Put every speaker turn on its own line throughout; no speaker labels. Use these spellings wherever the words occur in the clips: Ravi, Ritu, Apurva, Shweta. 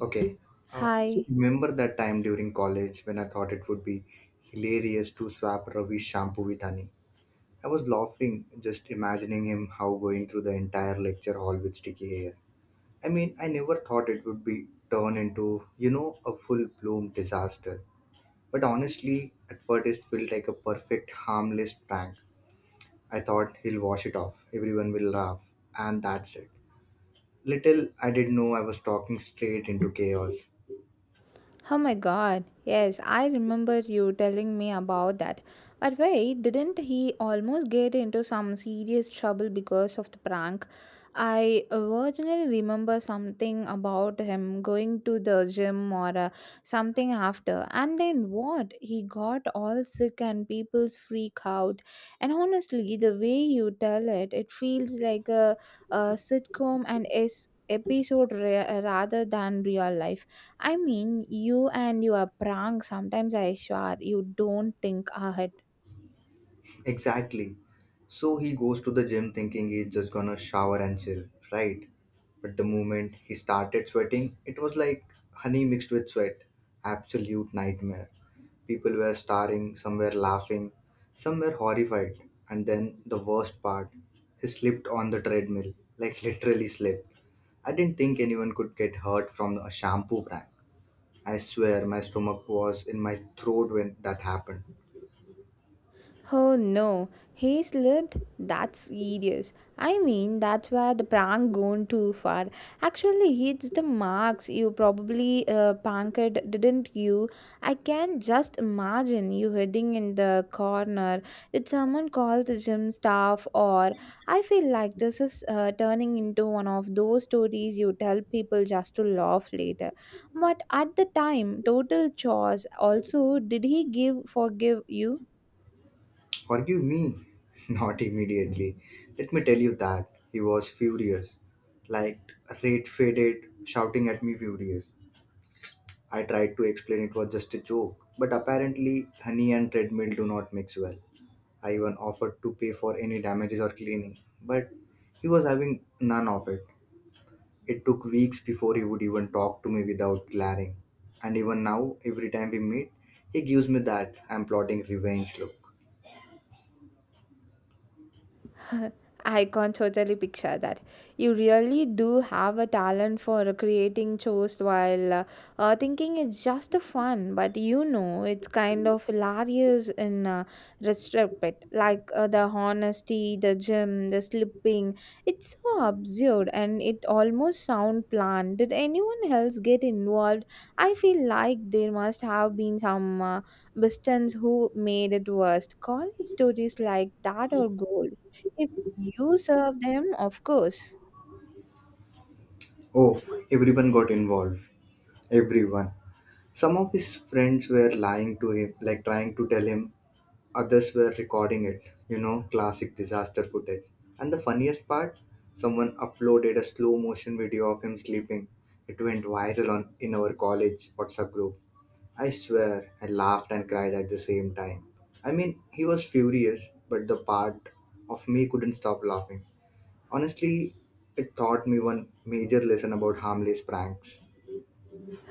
Okay. So
Hi.
remember that time during college when I thought it would be hilarious to swap Ravi's shampoo with honey. I was laughing just imagining him how going through the entire lecture hall with sticky hair. I mean, I never thought it would be turn into, a full bloom disaster. But honestly, at first it felt like a perfect harmless prank. I thought he'll wash it off. Everyone will laugh, and that's it. Little I did know I was talking straight into chaos.
Oh my god, yes, I remember you telling me about that. But wait, didn't he almost get into some serious trouble because of the prank? I originally remember something about him going to the gym or something after. And then what? He got all sick and people's freak out. And honestly, the way you tell it, it feels like a sitcom and is episode rather than real life. I mean, you and your prank, sometimes I swear you don't think ahead.
Exactly. So he goes to the gym thinking he's just gonna shower and chill, right? But the moment he started sweating, it was like honey mixed with sweat. Absolute nightmare. People were staring, some were laughing, some were horrified. And then the worst part, he slipped on the treadmill, like literally slipped. I didn't think anyone could get hurt from a shampoo brand. I swear my stomach was in my throat when that happened.
Oh no, he slipped? That's serious. I mean, that's where the prank gone too far. Actually, hits the marks. You probably pranked, didn't you? I can just imagine you hiding in the corner. Did someone call the gym staff? Or I feel like this is turning into one of those stories you tell people just to laugh later. But at the time, total chores. Also, did he give forgive you?
Forgive me? Not immediately. Let me tell you that. He was furious. Like red faded, shouting at me furious. I tried to explain it was just a joke, but apparently honey and treadmill do not mix well. I even offered to pay for any damages or cleaning, but he was having none of it. It took weeks before he would even talk to me without glaring. And even now, every time we meet, he gives me that I'm plotting revenge look.
I can totally picture that. You really do have a talent for creating chores while thinking it's just a fun, but you know, it's kind of hilarious in retrospect. Like the honesty, the gym, the slipping. It's so absurd and it almost sound planned. Did anyone else get involved? I feel like there must have been some bistons who made it worst. College stories like that are gold. If you serve them, of course.
Oh, everyone got involved. Everyone. Some of his friends were lying to him, like trying to tell him others were recording it. You know, classic disaster footage. And the funniest part, someone uploaded a slow motion video of him sleeping. It went viral on in our college WhatsApp group. I swear, I laughed and cried at the same time. I mean, he was furious, but the part of me couldn't stop laughing. Honestly, it taught me one major lesson about harmless pranks.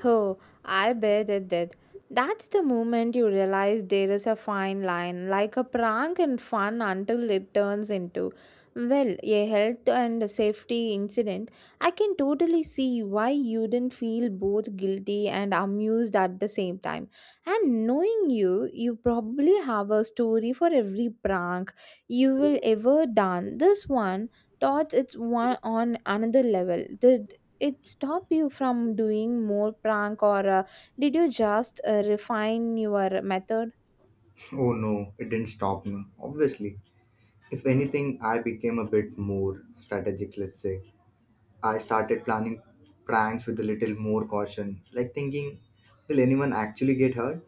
Oh, I bet it did. That's the moment you realize there is a fine line, like a prank and fun until it turns into, well, a health and safety incident. I can totally see why you didn't feel both guilty and amused at the same time. And knowing you, you probably have a story for every prank you will ever done. This one thought it's one on another level. The it stop you from doing more prank or did you just refine your method?
Oh no, it didn't stop me, obviously. If anything, I became a bit more strategic, let's say. I started planning pranks with a little more caution, like thinking, will anyone actually get hurt?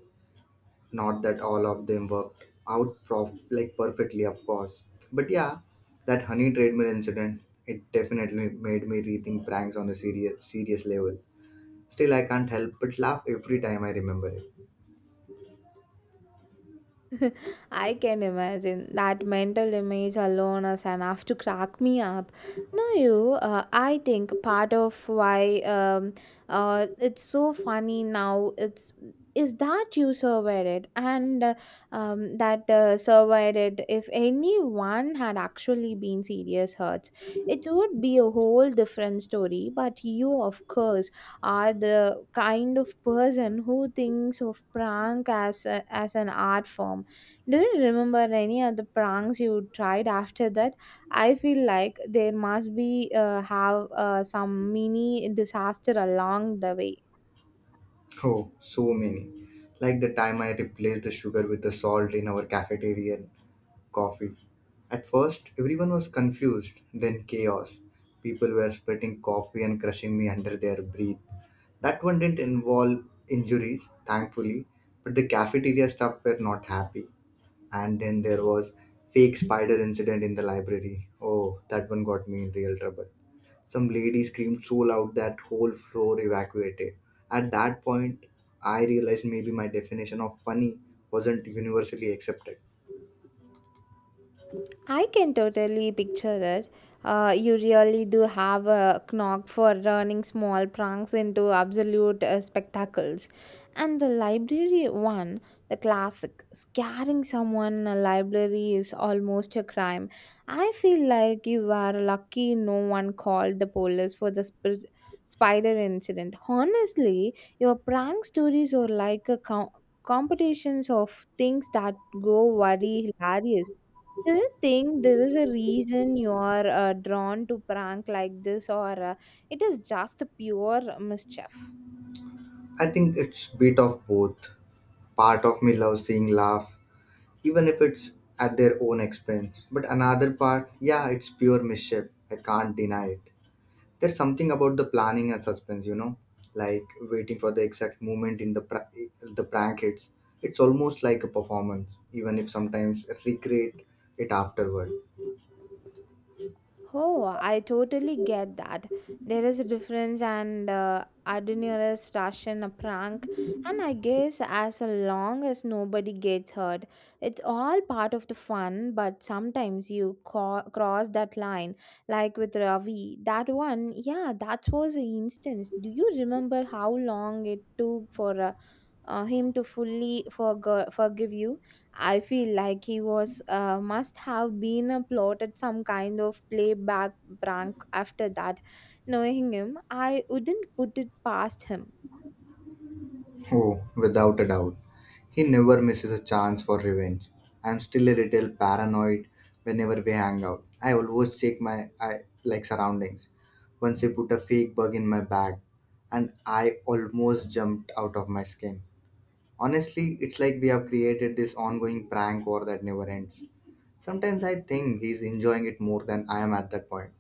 Not that all of them worked out like perfectly, of course. But yeah, that honey treadmill incident, it definitely made me rethink pranks on a serious level. Still, I can't help but laugh every time I remember it.
I can imagine that mental image alone is enough to crack me up. Now, I think part of why it's so funny now it's is that you surveyed it and that surveyed it. If anyone had actually been serious hurts, it would be a whole different story. But you, of course, are the kind of person who thinks of prank as as an art form. Do you remember any other pranks you tried after that? I feel like there must be have some mini disaster along the way.
Oh, so many. Like the time I replaced the sugar with the salt in our cafeteria coffee. At first, everyone was confused, then chaos. People were splitting coffee and crushing me under their breath. That one didn't involve injuries, thankfully, but the cafeteria staff were not happy. And then there was fake spider incident in the library. Oh, that one got me in real trouble. Some lady screamed so loud that whole floor evacuated. At that point, I realized maybe my definition of funny wasn't universally accepted.
I can totally picture it. You really do have a knack for turning small pranks into absolute spectacles. And the library one, the classic, scaring someone in a library is almost a crime. I feel like you were lucky no one called the police for the spider incident. Honestly, your prank stories are like a competitions of things that go very hilarious. Do you think there is a reason you are drawn to prank like this, or it is just pure mischief?
I think it's bit of both. Part of me loves seeing laugh, even if it's at their own expense. But another part, yeah, it's pure mischief. I can't deny it. There's something about the planning and suspense, you know, like waiting for the exact moment in the the prank hits. It's almost like a performance, even if sometimes recreate it afterward.
Oh, I totally get that. There is a difference and adventurous rush in a prank, and I guess as long as nobody gets hurt, it's all part of the fun. But sometimes you cross that line, like with Ravi. That one, yeah, that was an instance. Do you remember how long it took for him to fully forgive you? I feel like he was must have been a plotted some kind of playback prank after that. Knowing him, I wouldn't put it past him.
Oh, without a doubt. He never misses a chance for revenge. I'm still a little paranoid whenever we hang out. I always check my I like surroundings. Once he put a fake bug in my bag and I almost jumped out of my skin. Honestly, it's like we have created this ongoing prank war that never ends. Sometimes I think he's enjoying it more than I am at that point.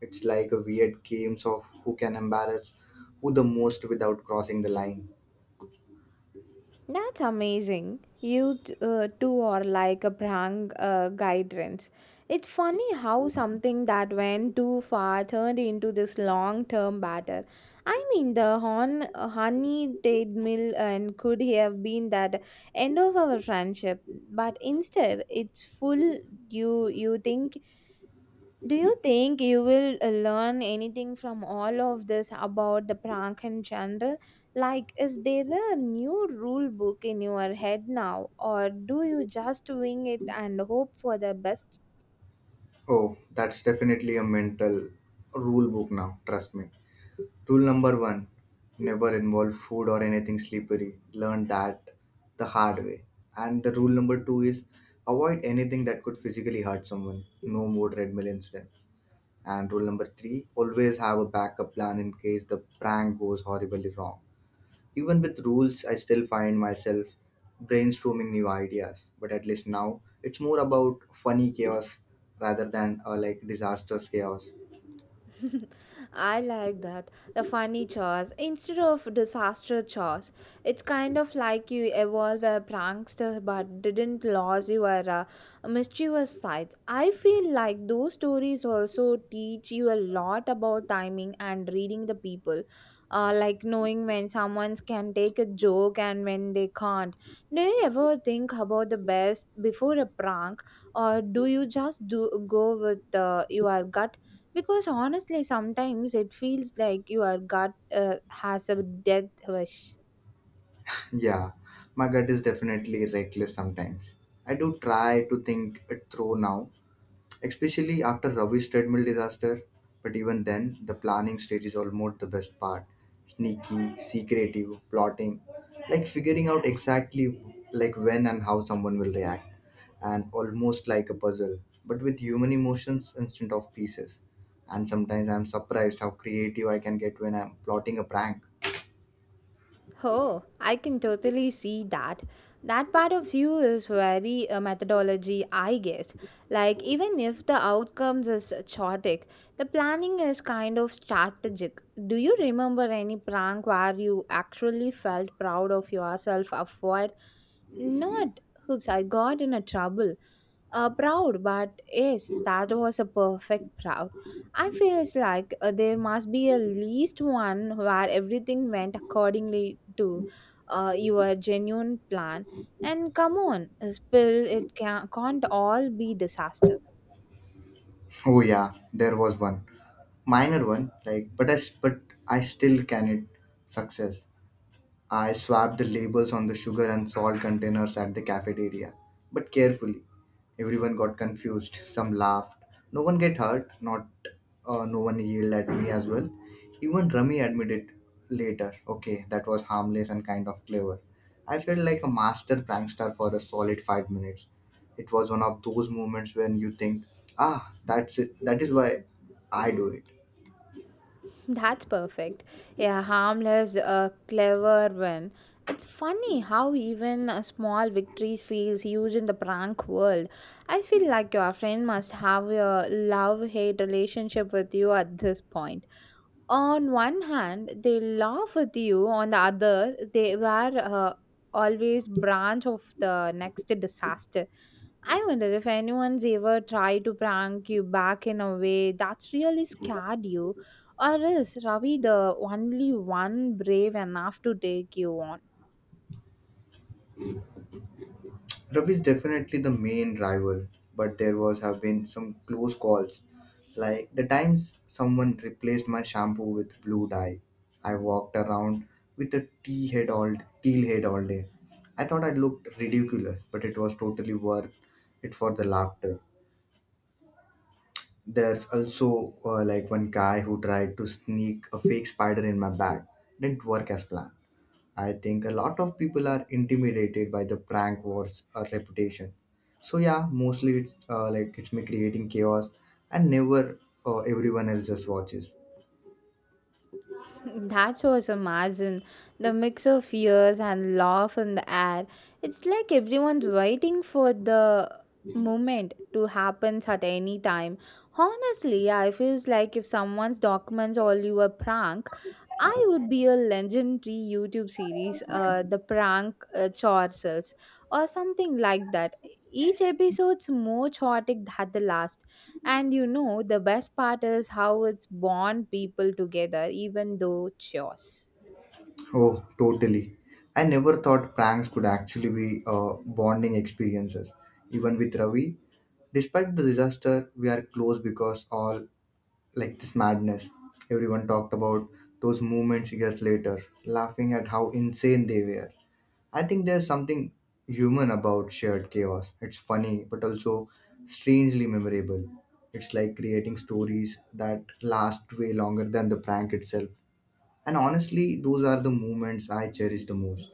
It's like a weird games of who can embarrass who the most without crossing the line.
That's amazing. You two are like a brand guidance. It's funny how something that went too far turned into this long term battle. I mean, the honey date mill and could have been that end of our friendship, but instead, it's full. You think do you think you will learn anything from all of this about the prank in general? Like, is there a new rule book in your head now, or do you just wing it and hope for the best?
Oh, that's definitely a mental rule book now, trust me. Rule number one, never involve food or anything slippery. Learn that the hard way. And the rule number two is avoid anything that could physically hurt someone. No more treadmill incident. And rule number three, always have a backup plan in case the prank goes horribly wrong. Even with rules, I still find myself brainstorming new ideas, but at least now it's more about funny chaos rather than like disastrous chaos.
I like that. The funny chores instead of disaster chores. It's kind of like you evolve a prankster but didn't lose your mischievous sides. I feel like those stories also teach you a lot about timing and reading the people. Like knowing when someone can take a joke and when they can't. Do you ever think about the best before a prank, or do you just do go with your gut because honestly, sometimes it feels like your gut has a death wish.
Yeah, my gut is definitely reckless sometimes. I do try to think it through now, especially after Ravi's treadmill disaster. But even then, the planning stage is almost the best part. Sneaky, secretive, plotting, like figuring out exactly like when and how someone will react, and almost like a puzzle, but with human emotions instead of pieces. And sometimes I'm surprised how creative I can get when I'm plotting a prank.
Oh, I can totally see that. That part of you is very methodology, I guess. Like, even if the outcomes is chaotic, the planning is kind of strategic. Do you remember any prank where you actually felt proud of yourself afterward? Not, oops, I got in a trouble. Proud, but yes, that was a perfect proud. I feels like there must be at least one where everything went accordingly to your genuine plan. And come on, a spill it can't all be disaster.
Oh yeah, there was one minor one, like but I still can it success. I swapped the labels on the sugar and salt containers at the cafeteria, but carefully. Everyone got confused, some laughed. No one get hurt, not no one yelled at me as well. Even Rami admitted later, okay, that was harmless and kind of clever. I felt like a master prankster for a solid 5 minutes. It was one of those moments when you think, ah, that's it. That is why I do it.
That's perfect. Yeah, harmless, clever win. It's funny how even a small victory feels huge in the prank world. I feel like your friend must have a love-hate relationship with you at this point. On one hand they laugh with you, on the other they were always branch of the next disaster. I wonder if anyone's ever tried to prank you back in a way that's really scared you, or is Ravi the only one brave enough to take you on.
Ravi is definitely the main rival, but there was have been some close calls. Like the times someone replaced my shampoo with blue dye. I walked around with a teal head all day. I thought I looked ridiculous, but it was totally worth it for the laughter. There's also like one guy who tried to sneak a fake spider in my bag. Didn't work as planned. I think a lot of people are intimidated by the prank wars or reputation. So yeah, mostly it's like it's me creating chaos, and never everyone else just watches.
That's was imagine the mix of fears and laugh in the air. It's like everyone's waiting for the moment to happen at any time. Honestly, I feels like if someone's documents all you a prank, I would be a legendary YouTube series, the prank chortles or something like that. Each episode's more chaotic than the last, and you know, the best part is how it's bond people together, even though chores.
Oh, totally. I never thought pranks could actually be bonding experiences. Even with Ravi, despite the disaster, we are close because all like this madness. Everyone talked about those moments years later, laughing at how insane they were. I think there's something human about shared chaos. It's funny, but also strangely memorable. It's like creating stories that last way longer than the prank itself. And honestly, those are the moments I cherish the most.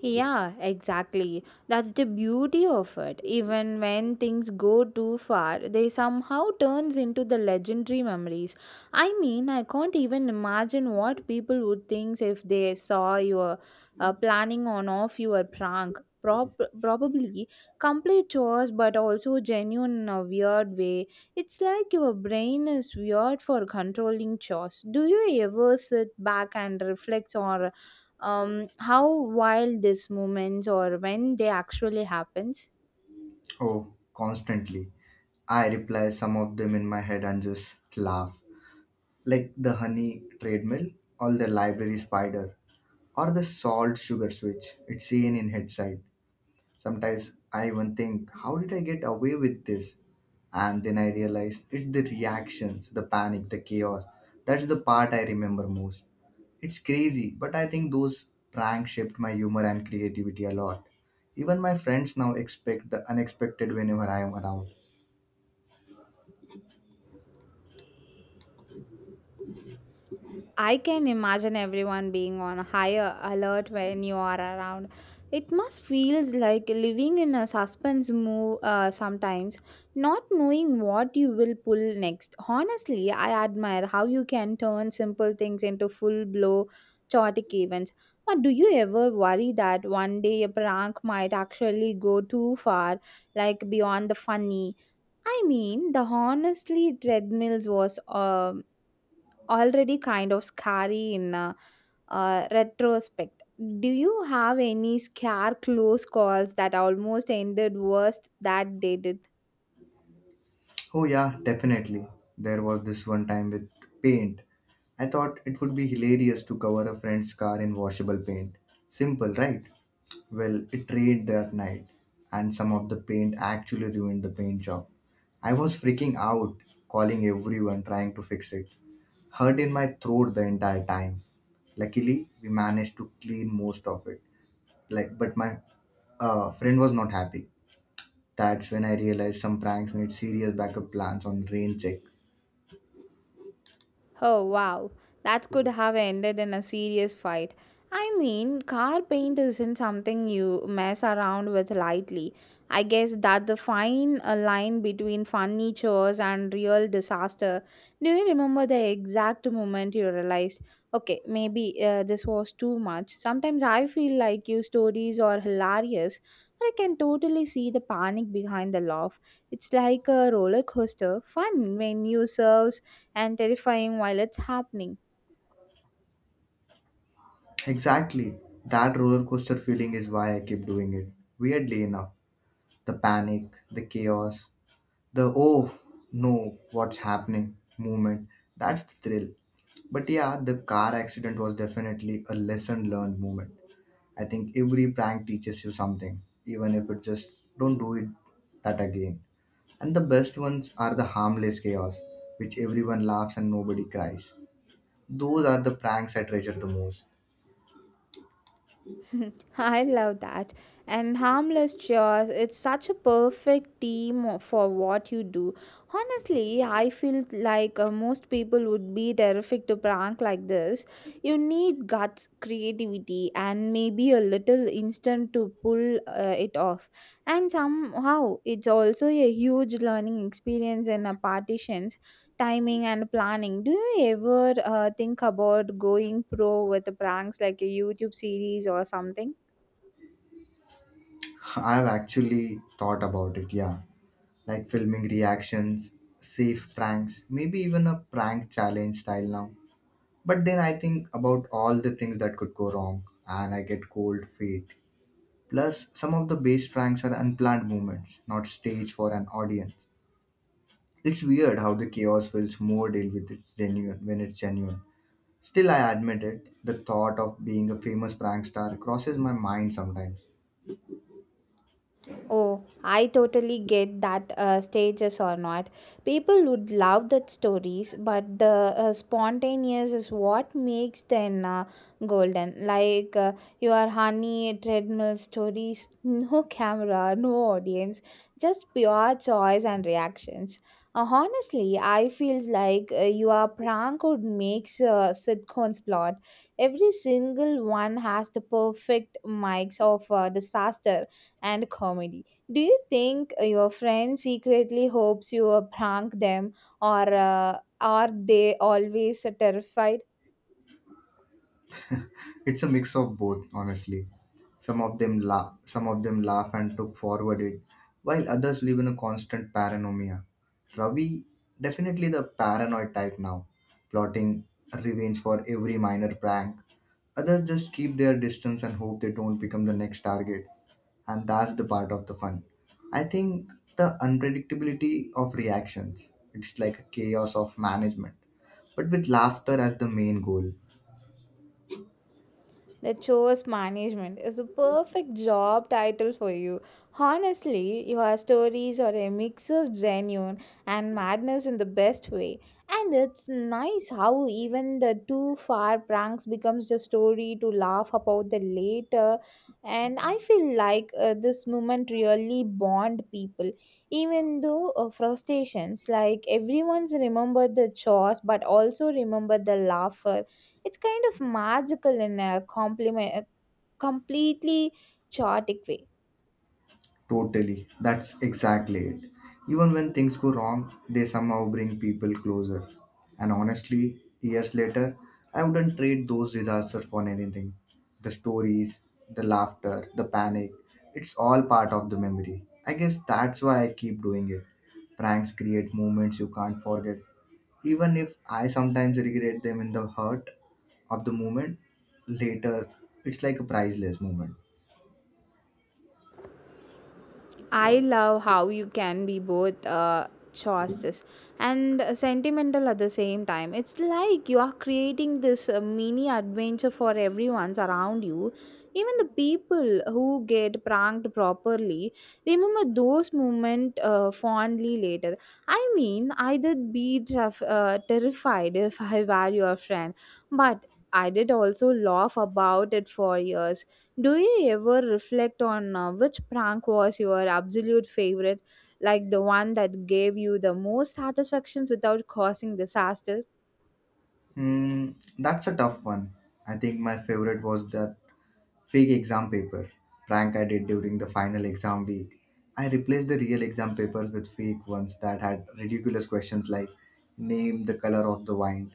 Yeah, exactly. That's the beauty of it. Even when things go too far, they somehow turns into the legendary memories. I mean, I can't even imagine what people would think if they saw you were, planning on off your prank. Probably complete chores but also genuine in a weird way. It's like your brain is weird for controlling chores. Do you ever sit back and reflect on how wild this moments or when they actually happens.
Oh, constantly. I reply some of them in my head and just laugh. Like the honey treadmill, or the library spider, or the salt sugar switch. It's seen in hindsight. Sometimes I even think, how did I get away with this? And then I realize it's the reactions, the panic, the chaos. That's the part I remember most. It's crazy, but I think those pranks shaped my humor and creativity a lot. Even my friends now expect the unexpected whenever I am around.
I can imagine everyone being on higher alert when you are around. It must feels like living in a suspense move sometimes, not knowing what you will pull next. Honestly, I admire how you can turn simple things into full blow chaotic events. But do you ever worry that one day a prank might actually go too far, like beyond the funny? I mean, the honestly treadmills was already kind of scary in retrospect. Do you have any scare close calls that almost ended worse that they did?
Oh, yeah, definitely. There was this one time with paint. I thought it would be hilarious to cover a friend's car in washable paint. Simple, right? Well, it rained that night, and some of the paint actually ruined the paint job. I was freaking out, calling everyone, trying to fix it. Hurt in my throat the entire time. Luckily, we managed to clean most of it. Like, but my friend was not happy. That's when I realized some pranks need serious backup plans on rain check.
Oh wow, that could have ended in a serious fight. I mean, car paint isn't something you mess around with lightly. I guess that the fine line between funny chores and real disaster. Do you remember the exact moment you realized, okay, maybe this was too much? Sometimes I feel like your stories are hilarious, but I can totally see the panic behind the laugh. It's like a roller coaster, fun when you serve and terrifying while it's happening.
Exactly. That roller coaster feeling is why I keep doing it. Weirdly enough, the panic, the chaos, the oh no what's happening movement, that's thrill. But yeah, the car accident was definitely a lesson learned moment. I think every prank teaches you something, even if it just don't do it that again. And the best ones are the harmless chaos, which everyone laughs and nobody cries. Those are the pranks I treasure the most.
I love that. And harmless chores, it's such a perfect team for what you do. Honestly, I feel like most people would be terrific to prank like this. You need guts, creativity, and maybe a little instant to pull it off. And somehow, it's also a huge learning experience in a partition timing and planning. Do you ever think about going pro with the pranks like a YouTube series or something?
I've actually thought about it, yeah, like filming reactions, safe pranks, maybe even a prank challenge style now. But then I think about all the things that could go wrong, and I get cold feet. Plus, some of the bass pranks are unplanned movements, not staged for an audience. It's weird how the chaos feels more deal with it's genuine when it's genuine. Still, I admit it, the thought of being a famous prank star crosses my mind sometimes.
Oh, I totally get that stages or not. People would love that stories, but the spontaneous is what makes them golden. Like your honey treadmill stories, no camera, no audience, just pure choice and reactions. Honestly, I feel like your prank would make sitcoms plot. Every single one has the perfect mics of disaster and comedy. Do you think your friend secretly hopes you prank them, or are they always terrified?
It's a mix of both, honestly. Some of them laugh, some of them laugh and took forward it, while others live in a constant paranoia. Ravi, definitely the paranoid type now, plotting revenge for every minor prank. Others just keep their distance and hope they don't become the next target. And that's the part of the fun. I think the unpredictability of reactions. It's like a chaos of management, but with laughter as the main goal.
The chores management is a perfect job title for you. Honestly, your stories are a mix of genuine and madness in the best way. And it's nice how even the too far pranks becomes the story to laugh about the later. And I feel like this moment really bond people. Even though frustrations, like everyone's remembered the chores, but also remember the laugher it's kind of magical in a compliment, completely chaotic way.
Totally. That's exactly it. Even when things go wrong, they somehow bring people closer. And honestly, years later, I wouldn't trade those disasters for anything. The stories, the laughter, the panic, it's all part of the memory. I guess that's why I keep doing it. Pranks create moments you can't forget. Even if I sometimes regret them in the hurt of the moment, later it's like a priceless moment.
I love how you can be both chaste and sentimental at the same time. It's like you are creating this mini adventure for everyone's around you. Even the people who get pranked properly remember those moments fondly later. I mean, I did be terrified if I were your friend, but I did also laugh about it for years. Do you ever reflect on which prank was your absolute favorite, like the one that gave you the most satisfactions without causing disaster?
Hmm, that's a tough one. I think my favorite was that fake exam paper prank I did during the final exam week. I replaced the real exam papers with fake ones that had ridiculous questions like name the color of the wine.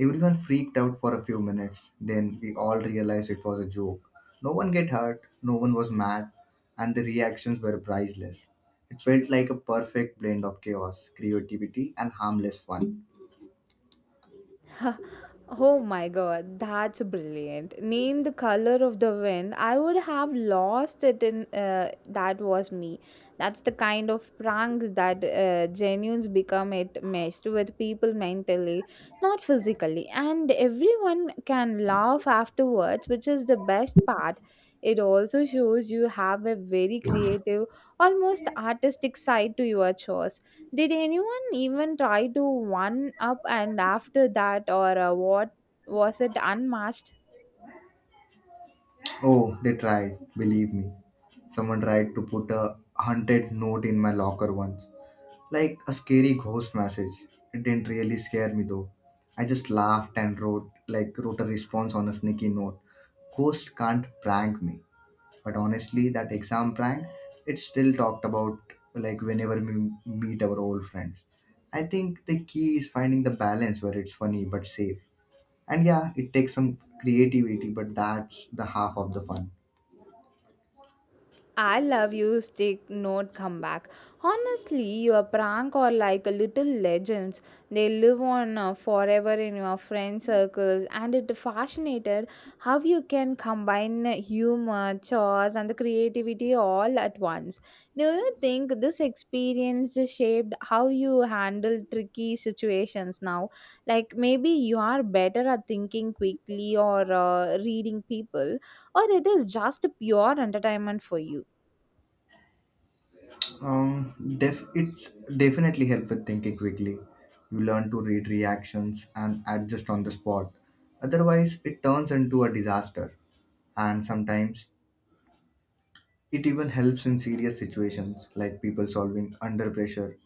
Everyone freaked out for a few minutes. Then we all realized it was a joke. No one get hurt, no one was mad, and the reactions were priceless. It felt like a perfect blend of chaos, creativity, and harmless fun.
Oh my god, that's brilliant. Name the color of the wind. I would have lost it in that was me. That's the kind of pranks that genuines become it messed with people mentally, not physically. And everyone can laugh afterwards, which is the best part. It also shows you have a very creative, almost artistic side to your chores. Did anyone even try to one up and after that, or what was it unmatched?
Oh, they tried, believe me. Someone tried to put a haunted note in my locker once, like a scary ghost message. It didn't really scare me though. I just laughed and wrote a response on a sneaky note. Ghost can't prank me. But honestly, that exam prank, it's still talked about like whenever we meet our old friends. I think the key is finding the balance where it's funny but safe. And yeah, it takes some creativity, but that's the half of the fun.
I love you, stick, note, come back. Honestly, your prank are like a little legends. They live on forever in your friend circles, and it fascinated how you can combine humor, chores, and the creativity all at once. Do you think this experience shaped how you handle tricky situations now? Like maybe you are better at thinking quickly or reading people, or it is just pure entertainment for you?
It's definitely help with thinking quickly. You learn to read reactions and adjust on the spot. Otherwise, it turns into a disaster. And sometimes, it even helps in serious situations like people solving under pressure.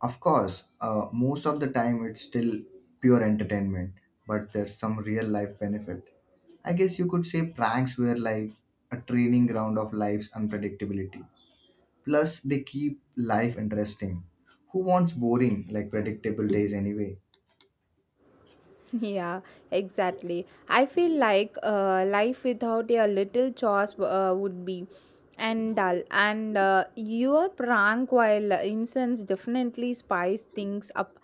Of course, most of the time it's still pure entertainment, but there's some real life benefit. I guess you could say pranks were like a training ground of life's unpredictability. Plus, they keep life interesting. Who wants boring, like predictable days anyway?
Yeah, exactly. I feel like life without a little chores would be and dull. And your prank while incense definitely spice things up.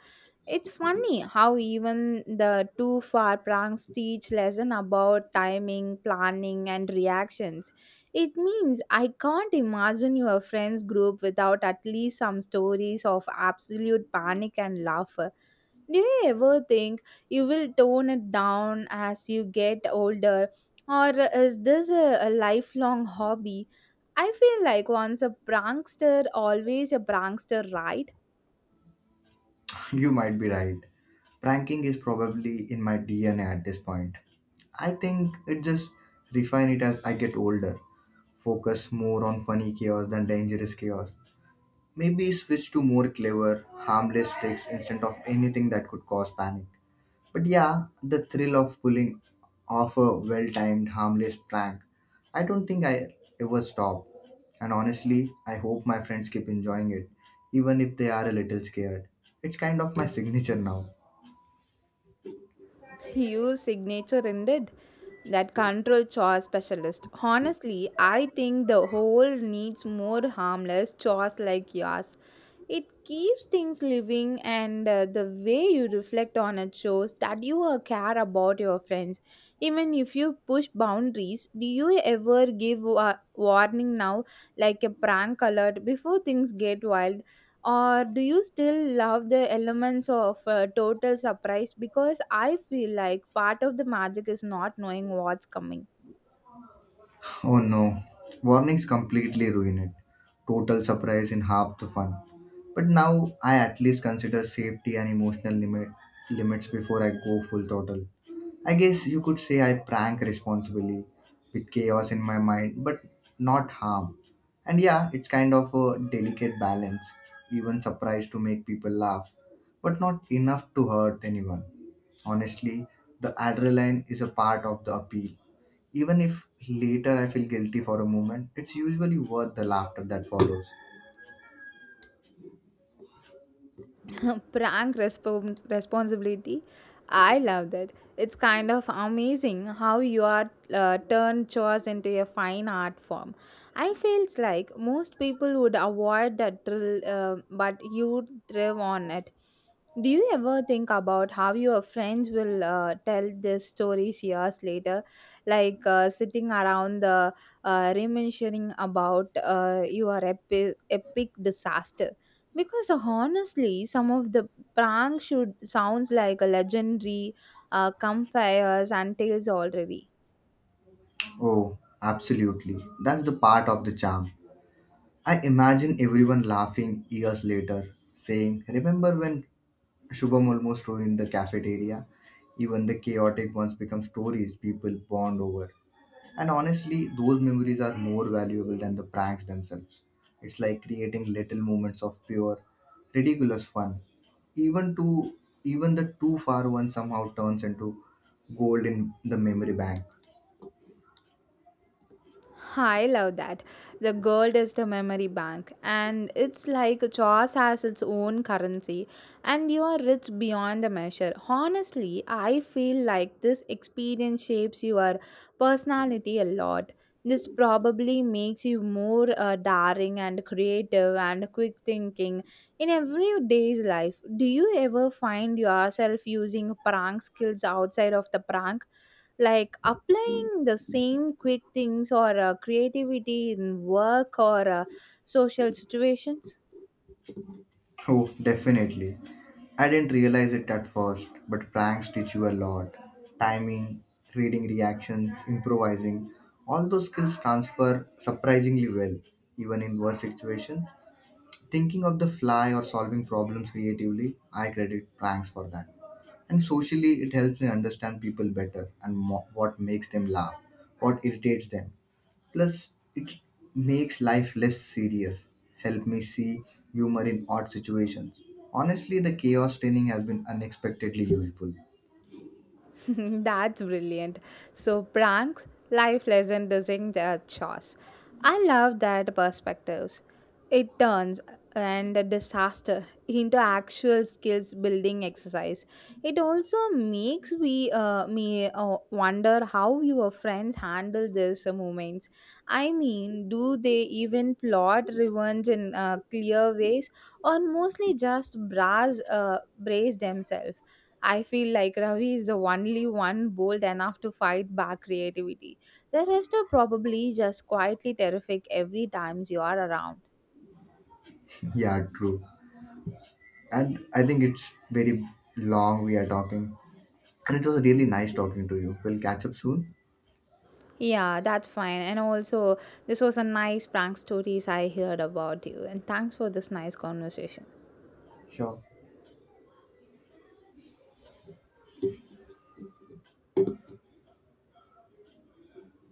It's funny how even the too far pranks teach lesson about timing, planning, and reactions. It means I can't imagine your friends group without at least some stories of absolute panic and laughter. Do you ever think you will tone it down as you get older, or is this a lifelong hobby? I feel like once a prankster always a prankster, right?
You might be right. Pranking is probably in my DNA at this point. I think it just refine it as I get older. Focus more on funny chaos than dangerous chaos. Maybe switch to more clever, harmless tricks instead of anything that could cause panic. But yeah, the thrill of pulling off a well timed, harmless prank. I don't think I ever stop. And honestly, I hope my friends keep enjoying it, even if they are a little scared. It's kind of my signature now.
You signature ended that control chores specialist. Honestly, I think the whole needs more harmless chores like yours. It keeps things living, and the way you reflect on it shows that you care about your friends. Even if you push boundaries, do you ever give a warning now, like a prank alert, before things get wild? Or do you still love the elements of total surprise? Because I feel like part of the magic is not knowing what's coming.
Oh no, warnings completely ruin it. Total surprise in half the fun. But now I at least consider safety and emotional limits before I go full throttle. I guess you could say I prank responsibly with chaos in my mind, but not harm. And yeah, it's kind of a delicate balance, even surprise to make people laugh, but not enough to hurt anyone. Honestly, the adrenaline is a part of the appeal. Even if later I feel guilty for a moment, it's usually worth the laughter that follows.
Responsibility. I love that. It's kind of amazing how you are turn chores into a fine art form. I feels like most people would avoid that drill, but you thrive on it. Do you ever think about how your friends will tell these stories years later, like sitting around the reminiscing about your epic disaster? Because honestly, some of the prank should sounds like a legendary campfires and tales already.
Oh, absolutely. That's the part of the charm. I imagine everyone laughing years later, saying, "Remember when Shubham almost ruined the cafeteria?" Even the chaotic ones become stories people bond over. And honestly, those memories are more valuable than the pranks themselves. It's like creating little moments of pure, ridiculous fun. Even to Even the too far one somehow turns into gold in the memory bank.
I love that. The gold is the memory bank, and it's like Jaws has its own currency, and you are rich beyond the measure. Honestly, I feel like this experience shapes your personality a lot. This probably makes you more daring and creative and quick thinking in everyday's life. Do you ever find yourself using prank skills outside of the prank? Like applying the same quick things or creativity in work or social situations?
Oh, definitely. I didn't realize it at first, but pranks teach you a lot. Timing, reading reactions, improvising, all those skills transfer surprisingly well, even in worse situations. Thinking of the fly or solving problems creatively, I credit pranks for that. And socially, it helps me understand people better and what makes them laugh, what irritates them. Plus, it makes life less serious, help me see humor in odd situations. Honestly, the chaos training has been unexpectedly useful.
That's brilliant. So, pranks, life lesson, doing their chores. I love that perspectives. It turns and a disaster into actual skills building exercise. It also makes we me wonder how your friends handle these moments. I mean, do they even plot revenge in clear ways, or mostly just brass brace themselves? I feel like Ravi is the only one bold enough to fight back creativity. The rest are probably just quietly terrific every time you are around.
Yeah, true. And I think it's very long we are talking. And it was really nice talking to you. We'll catch up soon.
Yeah, that's fine. And also, this was a nice prank stories I heard about you. And thanks for this nice conversation.
Sure.